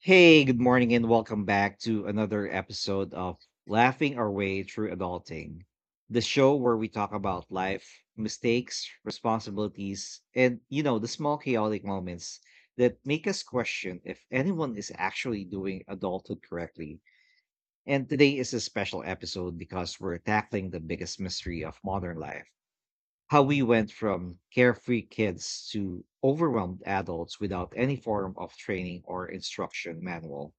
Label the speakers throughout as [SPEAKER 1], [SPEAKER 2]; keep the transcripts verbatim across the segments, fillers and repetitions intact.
[SPEAKER 1] Hey, good morning, and welcome back to another episode of Laughing Our Way Through Adulting, the show where we talk about life, mistakes, responsibilities, and, you know, the small chaotic moments that make us question if anyone is actually doing adulthood correctly. And today is a special episode because we're tackling the biggest mystery of modern life: how we went from carefree kids to overwhelmed adults without any form of training or instruction manual.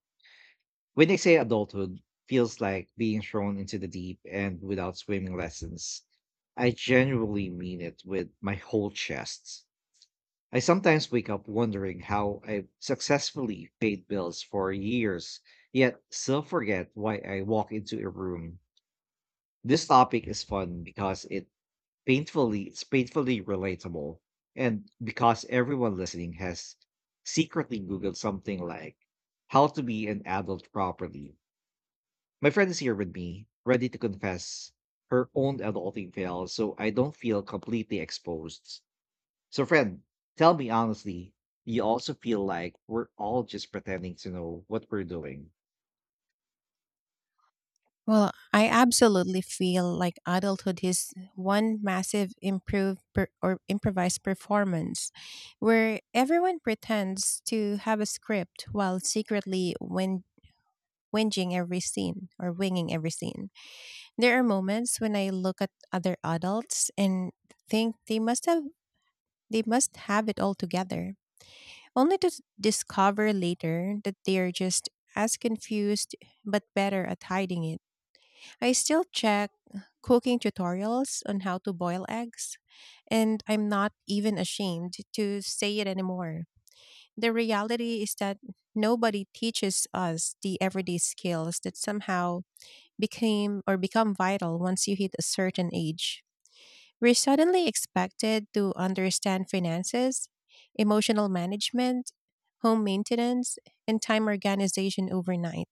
[SPEAKER 1] When they say adulthood feels like being thrown into the deep and without swimming lessons, I genuinely mean it with my whole chest. I sometimes wake up wondering how I successfully paid bills for years, yet still forget why I walk into a room. This topic is fun because it painfully it's painfully relatable, and because everyone listening has secretly googled something like how to be an adult properly. My friend is here with me, ready to confess her own adulting fails, so I don't feel completely exposed. So, friend, tell me honestly, do you also feel like we're all just pretending to know what we're doing?
[SPEAKER 2] Well, I absolutely feel like adulthood is one massive improved per- or improvised performance where everyone pretends to have a script while secretly whin- whinging every scene or winging every scene. There are moments when I look at other adults and think they must have they must have it all together, only to s- discover later that they are just as confused but better at hiding it. I still check cooking tutorials on how to boil eggs, and I'm not even ashamed to say it anymore. The reality is that nobody teaches us the everyday skills that somehow became or become vital once you hit a certain age. We're suddenly expected to understand finances, emotional management, home maintenance, and time organization overnight.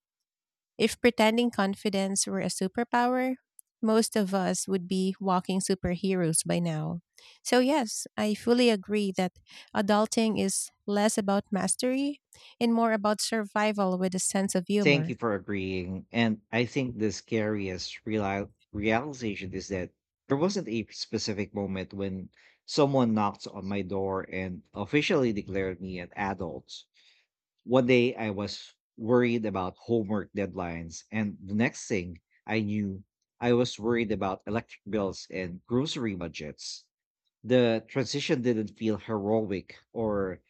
[SPEAKER 2] If pretending confidence were a superpower, most of us would be walking superheroes by now. So, yes, I fully agree that adulting is less about mastery and more about survival with a sense of
[SPEAKER 1] Thank you
[SPEAKER 2] humor.
[SPEAKER 1] for agreeing. And I think the scariest reali- realization is that there wasn't a specific moment when someone knocked on my door and officially declared me an adult. One day I was worried about homework deadlines, and the next thing I knew, I was worried about electric bills and grocery budgets. The transition didn't feel heroic or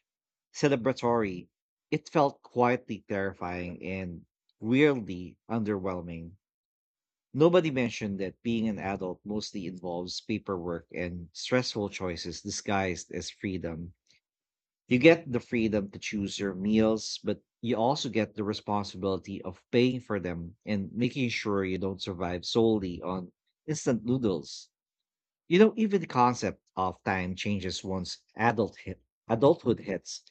[SPEAKER 1] celebratory. It felt quietly terrifying and weirdly underwhelming. Nobody mentioned that being an adult mostly involves paperwork and stressful choices disguised as freedom. You get the freedom to choose your meals, but you also get the responsibility of paying for them and making sure you don't survive solely on instant noodles. You know, even the concept of time changes once adult hit, adulthood hits,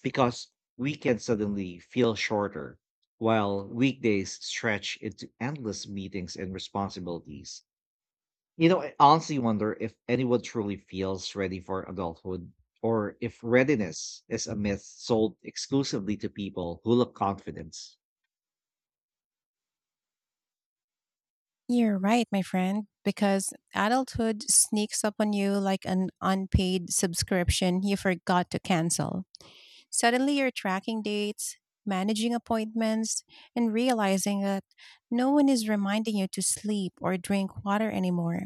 [SPEAKER 1] because weekends suddenly feel shorter, while weekdays stretch into endless meetings and responsibilities. You know, I honestly wonder if anyone truly feels ready for adulthood, or if readiness is a myth sold exclusively to people who look confident.
[SPEAKER 2] You're right, my friend, because adulthood sneaks up on you like an unpaid subscription you forgot to cancel. Suddenly, you're tracking dates, managing appointments, and realizing that no one is reminding you to sleep or drink water anymore.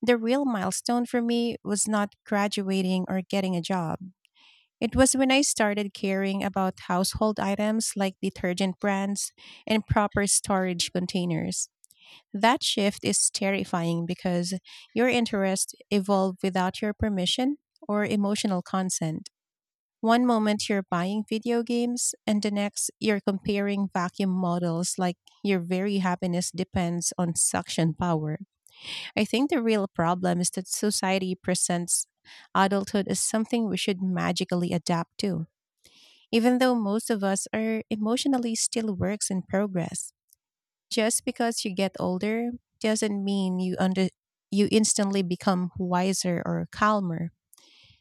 [SPEAKER 2] The real milestone for me was not graduating or getting a job. It was when I started caring about household items like detergent brands and proper storage containers. That shift is terrifying because your interests evolve without your permission or emotional consent. One moment you're buying video games, and the next you're comparing vacuum models like your very happiness depends on suction power. I think the real problem is that society presents adulthood as something we should magically adapt to, even though most of us are emotionally still works in progress. Just because you get older doesn't mean you under you instantly become wiser or calmer.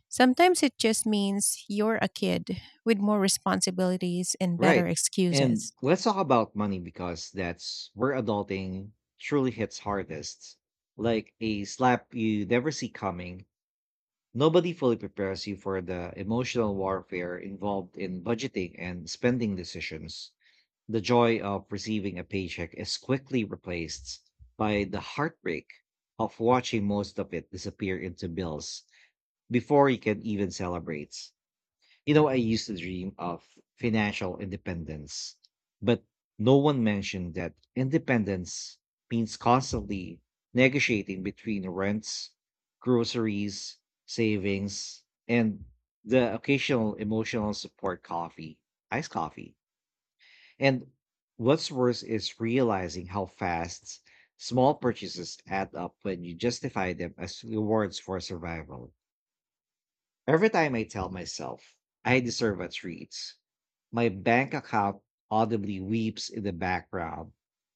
[SPEAKER 2] Sometimes it just means you're a kid with more responsibilities and better
[SPEAKER 1] Right. And
[SPEAKER 2] excuses.
[SPEAKER 1] let's talk about money, because that's where adulting truly hits hardest. Like a slap you never see coming, nobody fully prepares you for the emotional warfare involved in budgeting and spending decisions. The joy of receiving a paycheck is quickly replaced by the heartbreak of watching most of it disappear into bills before you can even celebrate. You know, I used to dream of financial independence, but no one mentioned that independence means constantly negotiating between rents, groceries, savings, and the occasional emotional support coffee, iced coffee. And what's worse is realizing how fast small purchases add up when you justify them as rewards for survival. Every time I tell myself I deserve a treat, my bank account audibly weeps in the background.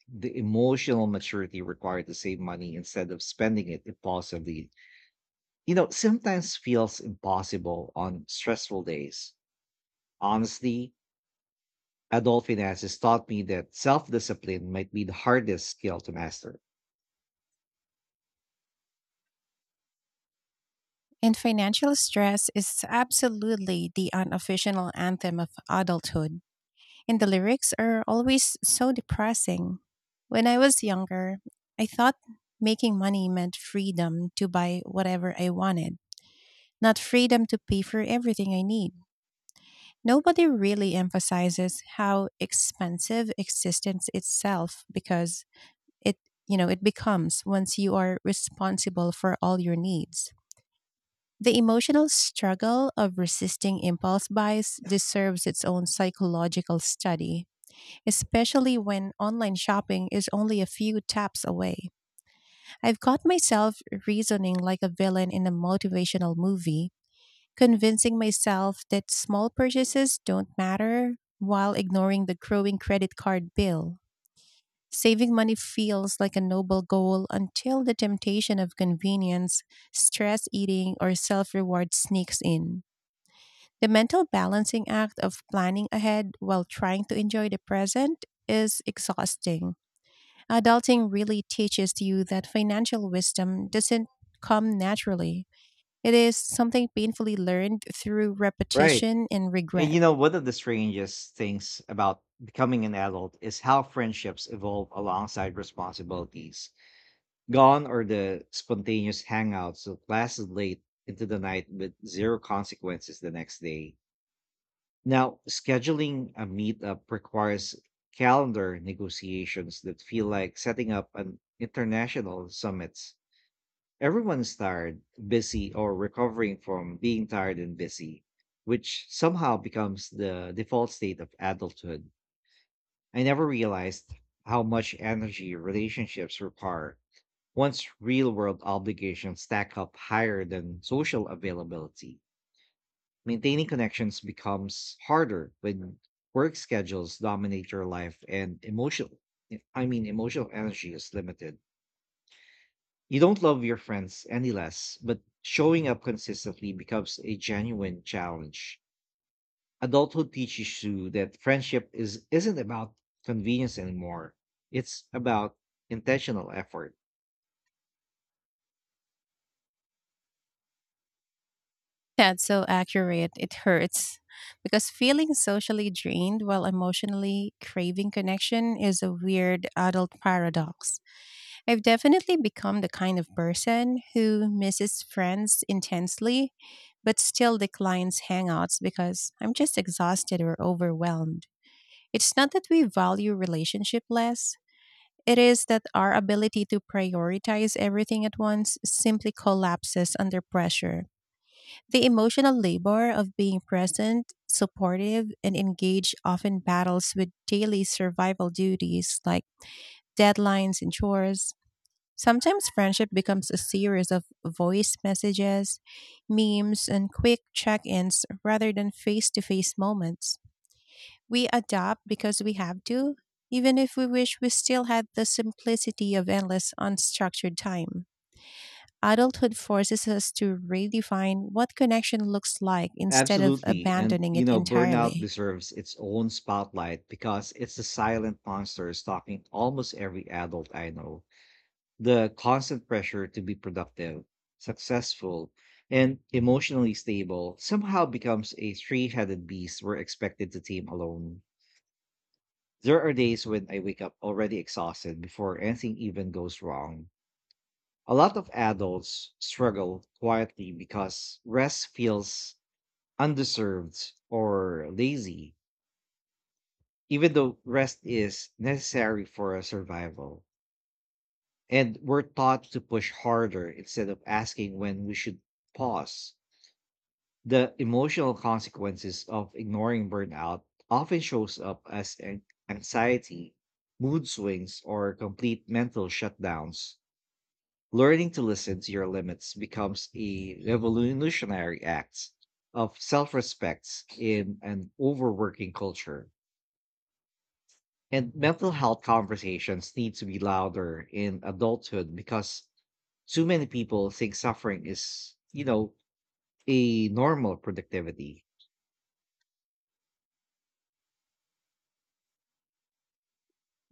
[SPEAKER 1] The emotional maturity required to save money instead of spending it impulsively, you know, sometimes feels impossible on stressful days. Honestly, adult finance has taught me that self discipline might be the hardest skill to master.
[SPEAKER 2] And financial stress is absolutely the unofficial anthem of adulthood. And the lyrics are always so depressing. When I was younger, I thought making money meant freedom to buy whatever I wanted, not freedom to pay for everything I need. Nobody really emphasizes how expensive existence itself because It, you know, it becomes once you are responsible for all your needs. The emotional struggle of resisting impulse buys deserves its own psychological study, especially when online shopping is only a few taps away. I've caught myself reasoning like a villain in a motivational movie, convincing myself that small purchases don't matter while ignoring the growing credit card bill. Saving money feels like a noble goal until the temptation of convenience, stress eating, or self reward sneaks in. The mental balancing act of planning ahead while trying to enjoy the present is exhausting. Adulting really teaches you that financial wisdom doesn't come naturally, it is something painfully learned through
[SPEAKER 1] Right.
[SPEAKER 2] repetition and
[SPEAKER 1] And
[SPEAKER 2] regret.
[SPEAKER 1] you know, one of the strangest things about becoming an adult is how friendships evolve alongside responsibilities. Gone are the spontaneous hangouts that lasted late into the night with zero consequences the next day. Now, scheduling a meetup requires calendar negotiations that feel like setting up an international summits. Everyone's tired, busy, or recovering from being tired and busy, which somehow becomes the default state of adulthood. I never realized how much energy relationships require once real world obligations stack up higher than social availability. Maintaining connections becomes harder when work schedules dominate your life and emotional I mean emotional energy is limited. You don't love your friends any less, but showing up consistently becomes a genuine challenge. Adulthood teaches you that friendship is isn't about convenience anymore. It's about intentional effort.
[SPEAKER 2] That's so accurate. It hurts because feeling socially drained while emotionally craving connection is a weird adult paradox. I've definitely become the kind of person who misses friends intensely but still declines hangouts because I'm just exhausted or overwhelmed. It's not that we value relationship less. It is that our ability to prioritize everything at once simply collapses under pressure. The emotional labor of being present, supportive, and engaged often battles with daily survival duties like deadlines and chores. Sometimes friendship becomes a series of voice messages, memes, and quick check ins rather than face to face moments. We adapt because we have to, even if we wish we still had the simplicity of endless unstructured time. Adulthood forces us to redefine what connection looks like instead of
[SPEAKER 1] Absolutely. And
[SPEAKER 2] abandoning
[SPEAKER 1] you
[SPEAKER 2] it
[SPEAKER 1] know, burnout
[SPEAKER 2] entirely.
[SPEAKER 1] deserves its own spotlight because it's the silent monster stalking almost every adult I know. The constant pressure to be productive, successful, and emotionally stable somehow becomes a three headed beast we're expected to tame alone. There are days when I wake up already exhausted before anything even goes wrong. A lot of adults struggle quietly because rest feels undeserved or lazy, even though rest is necessary for our survival. And we're taught to push harder instead of asking when we should pause. The emotional consequences of ignoring burnout often shows up as an- anxiety, mood swings, or complete mental shutdowns. Learning to listen to your limits becomes a revolutionary act of self-respect in an overworking culture. And mental health conversations need to be louder in adulthood because too many people think suffering is, you know, a normal productivity.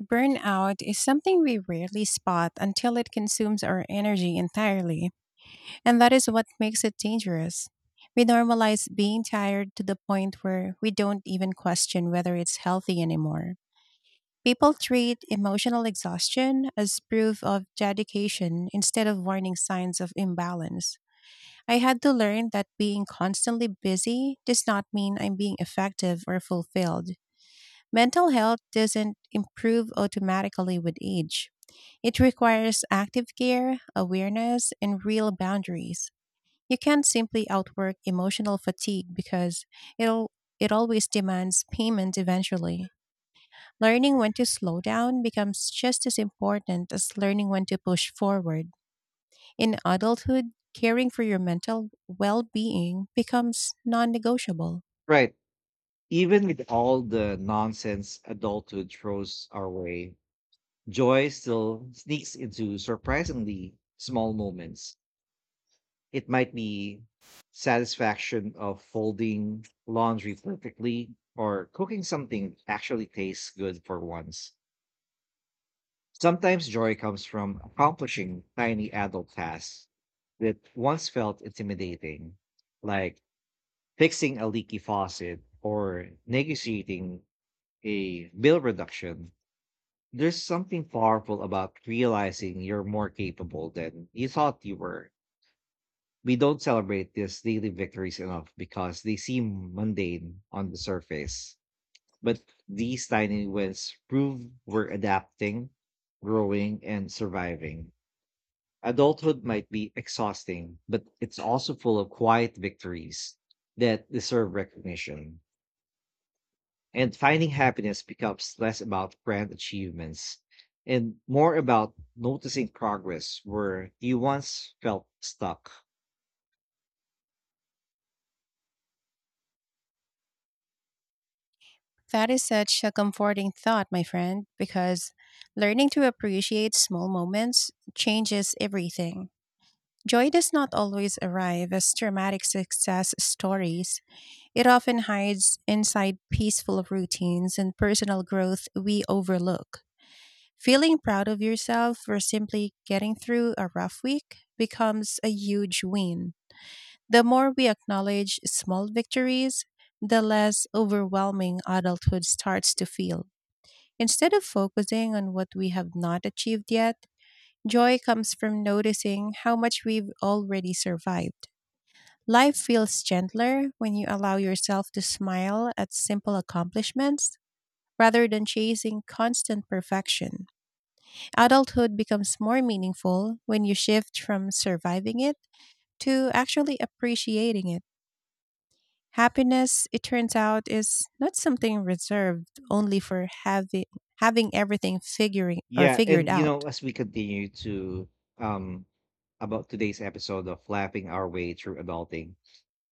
[SPEAKER 2] Burnout is something we rarely spot until it consumes our energy entirely, and that is what makes it dangerous. We normalize being tired to the point where we don't even question whether it's healthy anymore. People treat emotional exhaustion as proof of dedication instead of warning signs of imbalance. I had to learn that being constantly busy does not mean I'm being effective or fulfilled. Mental health doesn't improve automatically with age. It requires active care, awareness, and real boundaries. You can't simply outwork emotional fatigue because it'll it always demands payment eventually. Learning when to slow down becomes just as important as learning when to push forward. In adulthood, caring for your mental well being becomes non negotiable.
[SPEAKER 1] Right. Even with all the nonsense adulthood throws our way, joy still sneaks into surprisingly small moments. It might be satisfaction of folding laundry perfectly or cooking something actually tastes good for once. Sometimes joy comes from accomplishing tiny adult tasks that once felt intimidating, like fixing a leaky faucet or negotiating a bill reduction. There's something powerful about realizing you're more capable than you thought you were. We don't celebrate these daily victories enough because they seem mundane on the surface. But these tiny wins prove we're adapting, growing, and surviving. Adulthood might be exhausting, but it's also full of quiet victories that deserve recognition. And finding happiness becomes less about grand achievements and more about noticing progress where you once felt stuck.
[SPEAKER 2] That is such a comforting thought, my friend, because learning to appreciate small moments changes everything. Joy does not always arrive as dramatic success stories. It often hides inside peaceful routines and personal growth we overlook. Feeling proud of yourself for simply getting through a rough week becomes a huge win. The more we acknowledge small victories, the less overwhelming adulthood starts to feel. Instead of focusing on what we have not achieved yet, joy comes from noticing how much we've already survived. Life feels gentler when you allow yourself to smile at simple accomplishments rather than chasing constant perfection. Adulthood becomes more meaningful when you shift from surviving it to actually appreciating it. Happiness, it turns out, is not something reserved only for having having everything figuring or
[SPEAKER 1] Yeah,
[SPEAKER 2] figured
[SPEAKER 1] and you
[SPEAKER 2] out.
[SPEAKER 1] know, as we continue to um about today's episode of Laughing Our Way Through Adulting,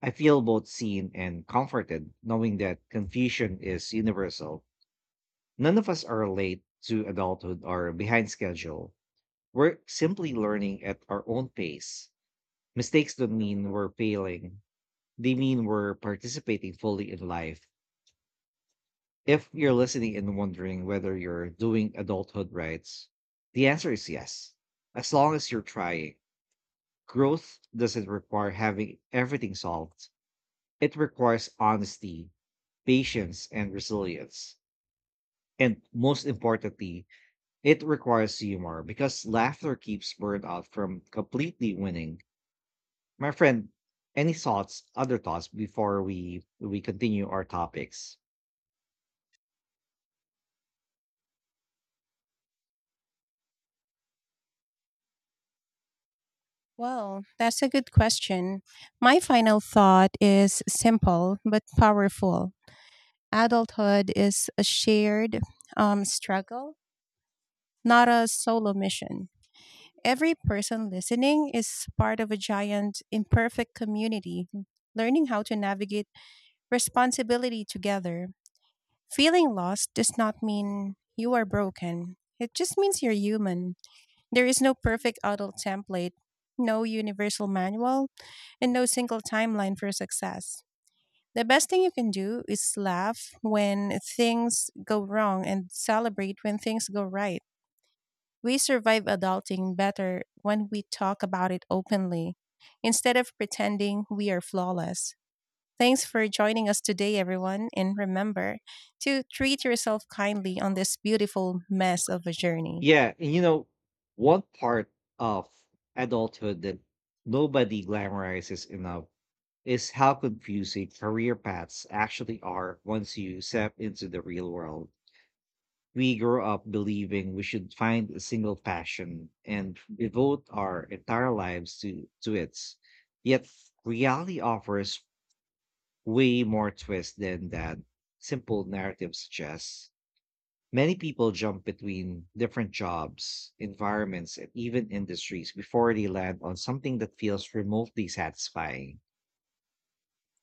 [SPEAKER 1] I feel both seen and comforted knowing that confusion is universal. None of us are late to adulthood or behind schedule. We're simply learning at our own pace. Mistakes don't mean we're failing, they mean we're participating fully in life. If you're listening and wondering whether you're doing adulthood rights, the answer is yes. As long as you're trying, growth doesn't require having everything solved, it requires honesty, patience, and resilience. And most importantly, it requires humor because laughter keeps burnout from completely winning. My friend, any thoughts, other thoughts before we we continue our topics?
[SPEAKER 2] Well, that's a good question. My final thought is simple but powerful. Adulthood is a shared um, struggle, not a solo mission. Every person listening is part of a giant, imperfect community, learning how to navigate responsibility together. Feeling lost does not mean you are broken. It just means you're human. There is no perfect adult template, no universal manual, and no single timeline for success. The best thing you can do is laugh when things go wrong and celebrate when things go right. We survive adulting better when we talk about it openly instead of pretending we are flawless. Thanks for joining us today, everyone. And remember to treat yourself kindly on this beautiful mess of a journey.
[SPEAKER 1] Yeah, and you know, one part of adulthood that nobody glamorizes enough is how confusing career paths actually are once you step into the real world. We grow up believing we should find a single passion and devote our entire lives to, to it. Yet reality offers way more twists than that simple narrative suggests. Many people jump between different jobs, environments, and even industries before they land on something that feels remotely satisfying.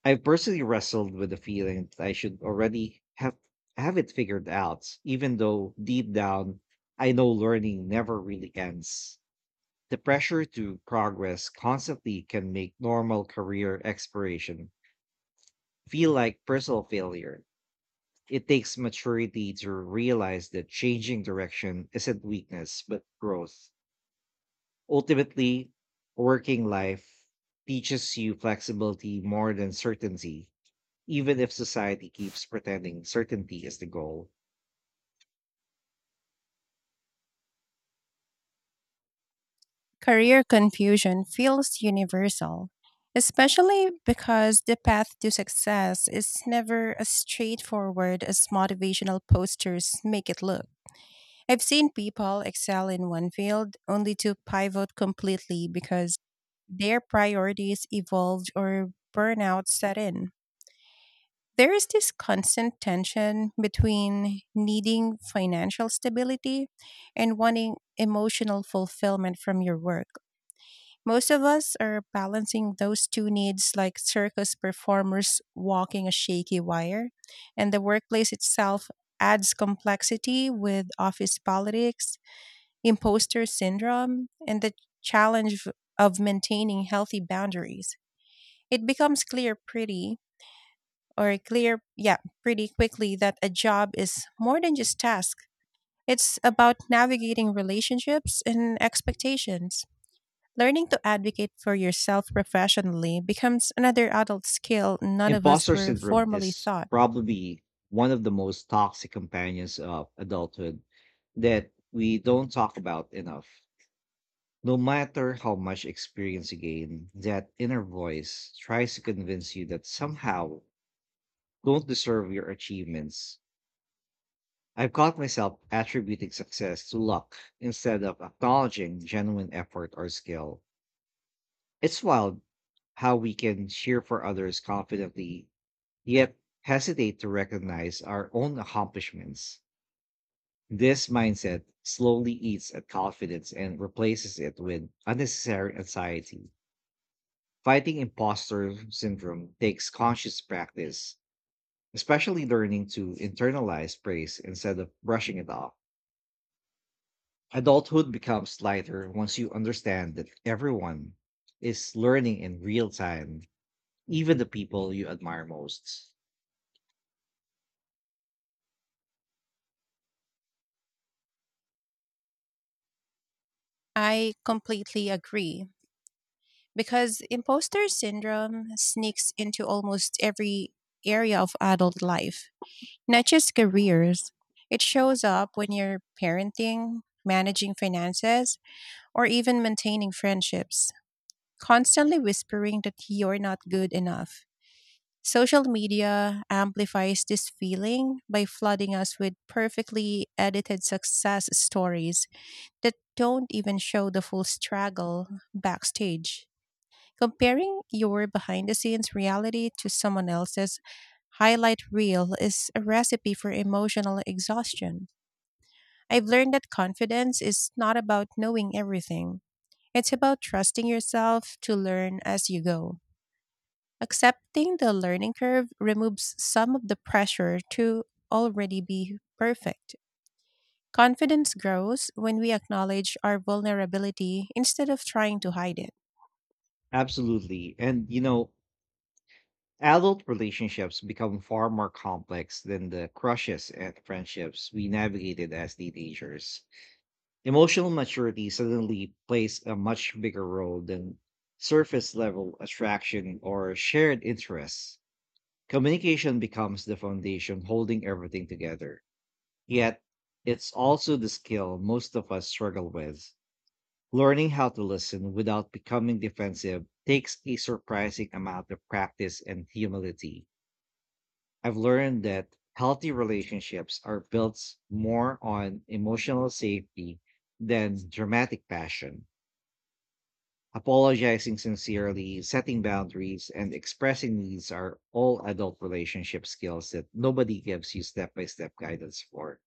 [SPEAKER 1] I've personally wrestled with the feeling that I should already have have it figured out, even though deep down I know learning never really ends. The pressure to progress constantly can make normal career exploration feel like personal failure. It takes maturity to realize that changing direction isn't weakness, but growth. Ultimately, working life teaches you flexibility more than certainty, even if society keeps pretending certainty is the goal.
[SPEAKER 2] Career confusion feels universal, especially because the path to success is never as straightforward as motivational posters make it look. I've seen people excel in one field only to pivot completely because their priorities evolved or burnout set in. There is this constant tension between needing financial stability and wanting emotional fulfillment from your work. Most of us are balancing those two needs like circus performers walking a shaky wire, and the workplace itself adds complexity with office politics, imposter syndrome, and the challenge of maintaining healthy boundaries. It becomes clear pretty or clear, yeah, pretty quickly that a job is more than just task. It's about navigating relationships and expectations. Learning to advocate for yourself professionally becomes another adult skill none of us
[SPEAKER 1] Imposter
[SPEAKER 2] were
[SPEAKER 1] syndrome
[SPEAKER 2] formally
[SPEAKER 1] is
[SPEAKER 2] taught.
[SPEAKER 1] probably one of the most toxic companions of adulthood that we don't talk about enough. No matter how much experience you gain, that inner voice tries to convince you that somehow you don't deserve your achievements. I've caught myself attributing success to luck instead of acknowledging genuine effort or skill. It's wild how we can cheer for others confidently, yet hesitate to recognize our own accomplishments. This mindset slowly eats at confidence and replaces it with unnecessary anxiety. Fighting imposter syndrome takes conscious practice, especially learning to internalize praise instead of brushing it off. Adulthood becomes lighter once you understand that everyone is learning in real time, even the people you admire most.
[SPEAKER 2] I completely agree because imposter syndrome sneaks into almost every area of adult life, not just careers. It shows up when you're parenting, managing finances, or even maintaining friendships, constantly whispering that you're not good enough. Social media amplifies this feeling by flooding us with perfectly edited success stories that don't even show the full struggle backstage. Comparing your behind the scenes reality to someone else's highlight reel is a recipe for emotional exhaustion. I've learned that confidence is not about knowing everything, it's about trusting yourself to learn as you go. Accepting the learning curve removes some of the pressure to already be perfect. Confidence grows when we acknowledge our vulnerability instead of trying to hide it.
[SPEAKER 1] Absolutely. And, you know, adult relationships become far more complex than the crushes and friendships we navigated as teenagers. Emotional maturity suddenly plays a much bigger role than surface level attraction or shared interests. Communication becomes the foundation holding everything together. Yet, it's also the skill most of us struggle with. Learning how to listen without becoming defensive takes a surprising amount of practice and humility. I've learned that healthy relationships are built more on emotional safety than dramatic passion. Apologizing sincerely, setting boundaries, and expressing needs are all adult relationship skills that nobody gives you step by step guidance for.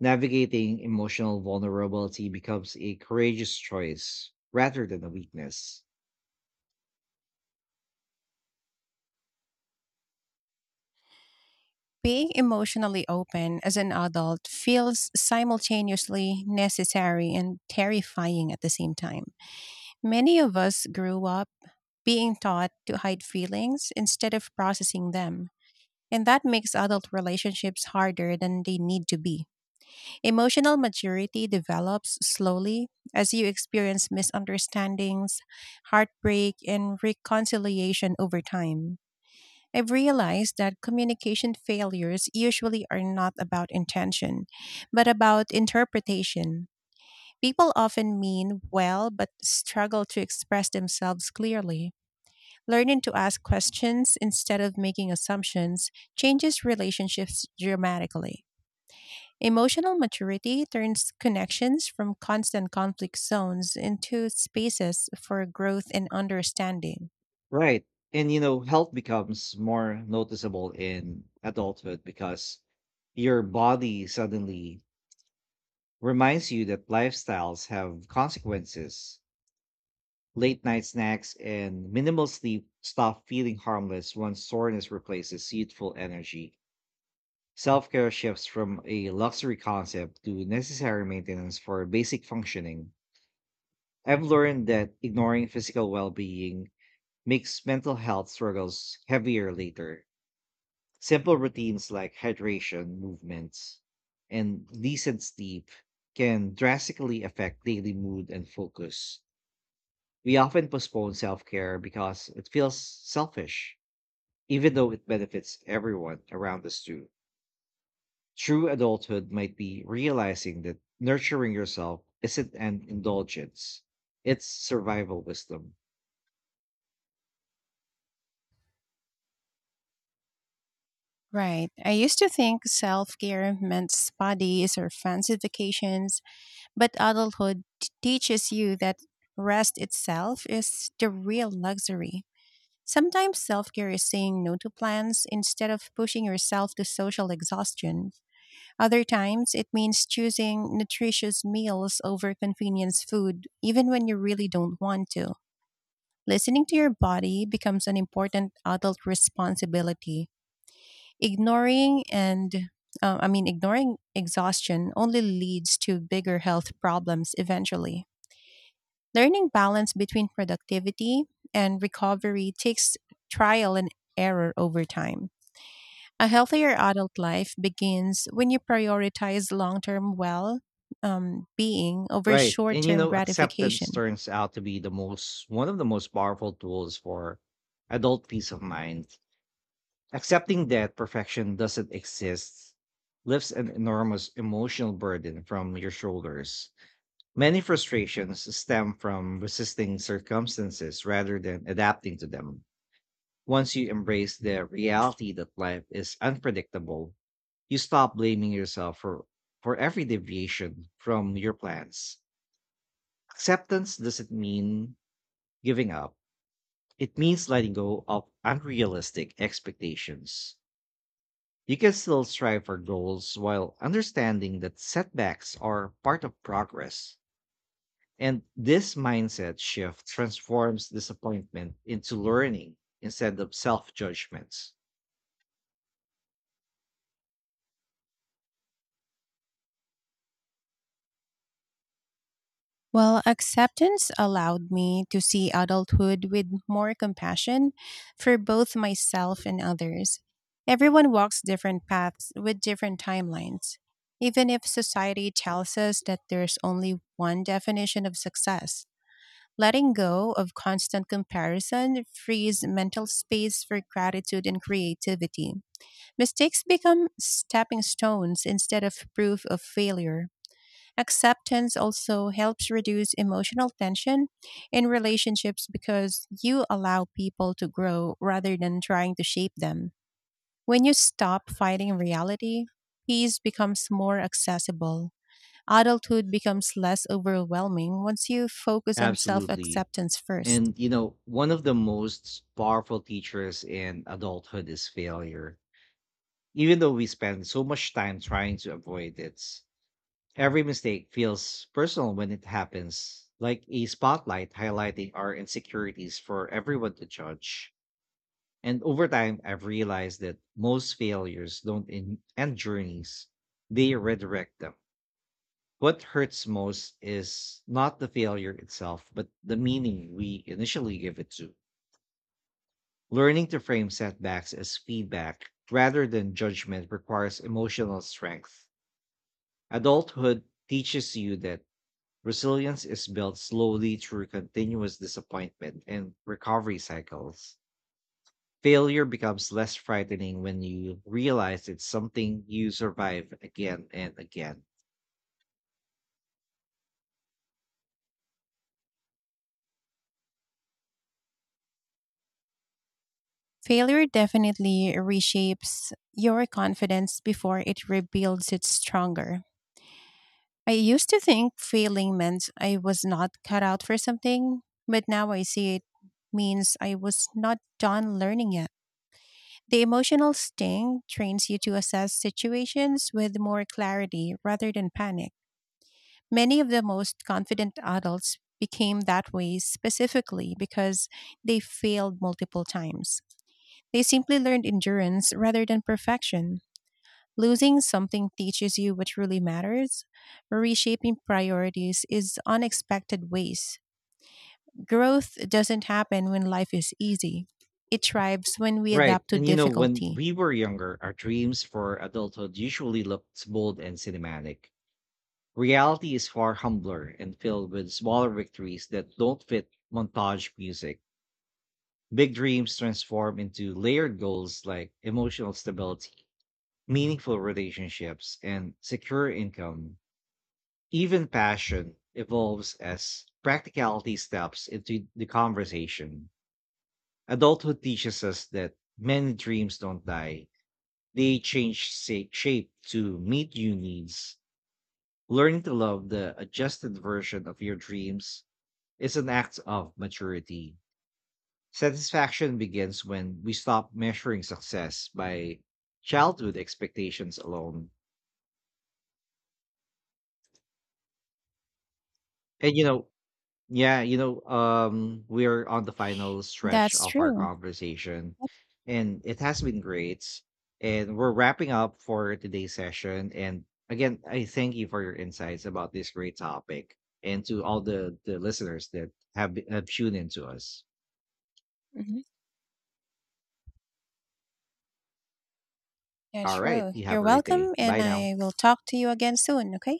[SPEAKER 1] Navigating emotional vulnerability becomes a courageous choice rather than a weakness.
[SPEAKER 2] Being emotionally open as an adult feels simultaneously necessary and terrifying at the same time. Many of us grew up being taught to hide feelings instead of processing them, and that makes adult relationships harder than they need to be. Emotional maturity develops slowly as you experience misunderstandings, heartbreak, and reconciliation over time. I've realized that communication failures usually are not about intention, but about interpretation. People often mean well, but struggle to express themselves clearly. Learning to ask questions instead of making assumptions changes relationships dramatically. Emotional maturity turns connections from constant conflict zones into spaces for growth and understanding.
[SPEAKER 1] Right. And you know, health becomes more noticeable in adulthood because your body suddenly reminds you that lifestyles have consequences. Late night snacks and minimal sleep stop feeling harmless once soreness replaces youthful energy. Self care shifts from a luxury concept to necessary maintenance for basic functioning. I've learned that ignoring physical well being makes mental health struggles heavier later. Simple routines like hydration, movements, and decent sleep can drastically affect daily mood and focus. We often postpone self care because it feels selfish, even though it benefits everyone around us too. True adulthood might be realizing that nurturing yourself isn't an indulgence, it's survival wisdom.
[SPEAKER 2] Right. I used to think self care meant spa days or fancy vacations, but adulthood t- teaches you that rest itself is the real luxury. Sometimes self care is saying no to plans instead of pushing yourself to social exhaustion. Other times, it means choosing nutritious meals over convenience food, even when you really don't want to. Listening to your body becomes an important adult responsibility. Ignoring and uh, I mean, ignoring exhaustion only leads to bigger health problems eventually. Learning balance between productivity and recovery takes trial and error over time. A healthier adult life begins when you prioritize long term well um, being over
[SPEAKER 1] Right.
[SPEAKER 2] short
[SPEAKER 1] And you
[SPEAKER 2] term
[SPEAKER 1] know, acceptance
[SPEAKER 2] gratification.
[SPEAKER 1] turns out to be the most one of the most powerful tools for adult peace of mind. Accepting that perfection doesn't exist lifts an enormous emotional burden from your shoulders. Many frustrations stem from resisting circumstances rather than adapting to them. Once you embrace the reality that life is unpredictable, you stop blaming yourself for, for every deviation from your plans. Acceptance doesn't mean giving up, it means letting go of unrealistic expectations. You can still strive for goals while understanding that setbacks are part of progress. And this mindset shift transforms disappointment into learning instead of self judgments.
[SPEAKER 2] Well, acceptance allowed me to see adulthood with more compassion for both myself and others. Everyone walks different paths with different timelines. Even if society tells us that there's only one definition of success, letting go of constant comparison frees mental space for gratitude and creativity. Mistakes become stepping stones instead of proof of failure. Acceptance also helps reduce emotional tension in relationships because you allow people to grow rather than trying to shape them. When you stop fighting reality, peace becomes more accessible. Adulthood becomes less overwhelming once you focus on self
[SPEAKER 1] Absolutely.
[SPEAKER 2] acceptance first.
[SPEAKER 1] And, you know, one of the most powerful teachers in adulthood is failure. Even though we spend so much time trying to avoid it, every mistake feels personal when it happens, like a spotlight highlighting our insecurities for everyone to judge. And over time, I've realized that most failures don't en- end journeys, they redirect them. What hurts most is not the failure itself, but the meaning we initially give it to. Learning to frame setbacks as feedback rather than judgment requires emotional strength. Adulthood teaches you that resilience is built slowly through continuous disappointment and recovery cycles. Failure becomes less frightening when you realize it's something you survive again and again.
[SPEAKER 2] Failure definitely reshapes your confidence before it rebuilds it stronger. I used to think failing meant I was not cut out for something, but now I see it means I was not done learning yet. The emotional sting trains you to assess situations with more clarity rather than panic. Many of the most confident adults became that way specifically because they failed multiple times. They simply learned endurance rather than perfection. Losing something teaches you what truly matters. Reshaping priorities is unexpected ways. Growth doesn't happen when life is easy. It thrives when we
[SPEAKER 1] Right.
[SPEAKER 2] adapt to
[SPEAKER 1] And you know, when
[SPEAKER 2] difficulty.
[SPEAKER 1] we were younger, our dreams for adulthood usually looked bold and cinematic. Reality is far humbler and filled with smaller victories that don't fit montage music. Big dreams transform into layered goals like emotional stability, meaningful relationships, and secure income. Even passion evolves as practicality steps into the conversation. Adulthood teaches us that many dreams don't die, they change sa- shape to meet new needs. Learning to love the adjusted version of your dreams is an act of maturity. Satisfaction begins when we stop measuring success by childhood expectations alone. And you know, Yeah, you know, um, we're on the final stretch
[SPEAKER 2] That's
[SPEAKER 1] of our
[SPEAKER 2] true.
[SPEAKER 1] conversation,
[SPEAKER 2] Yep.
[SPEAKER 1] and it has been great. And we're wrapping up for today's session. And again, I thank you for your insights about this great topic, and to all the the listeners that have, have tuned into us.
[SPEAKER 2] Mhm. Yeah,
[SPEAKER 1] All right,
[SPEAKER 2] sure.
[SPEAKER 1] you have a
[SPEAKER 2] You're
[SPEAKER 1] great
[SPEAKER 2] welcome,
[SPEAKER 1] day.
[SPEAKER 2] and
[SPEAKER 1] Bye now.
[SPEAKER 2] I will talk to you again soon, okay?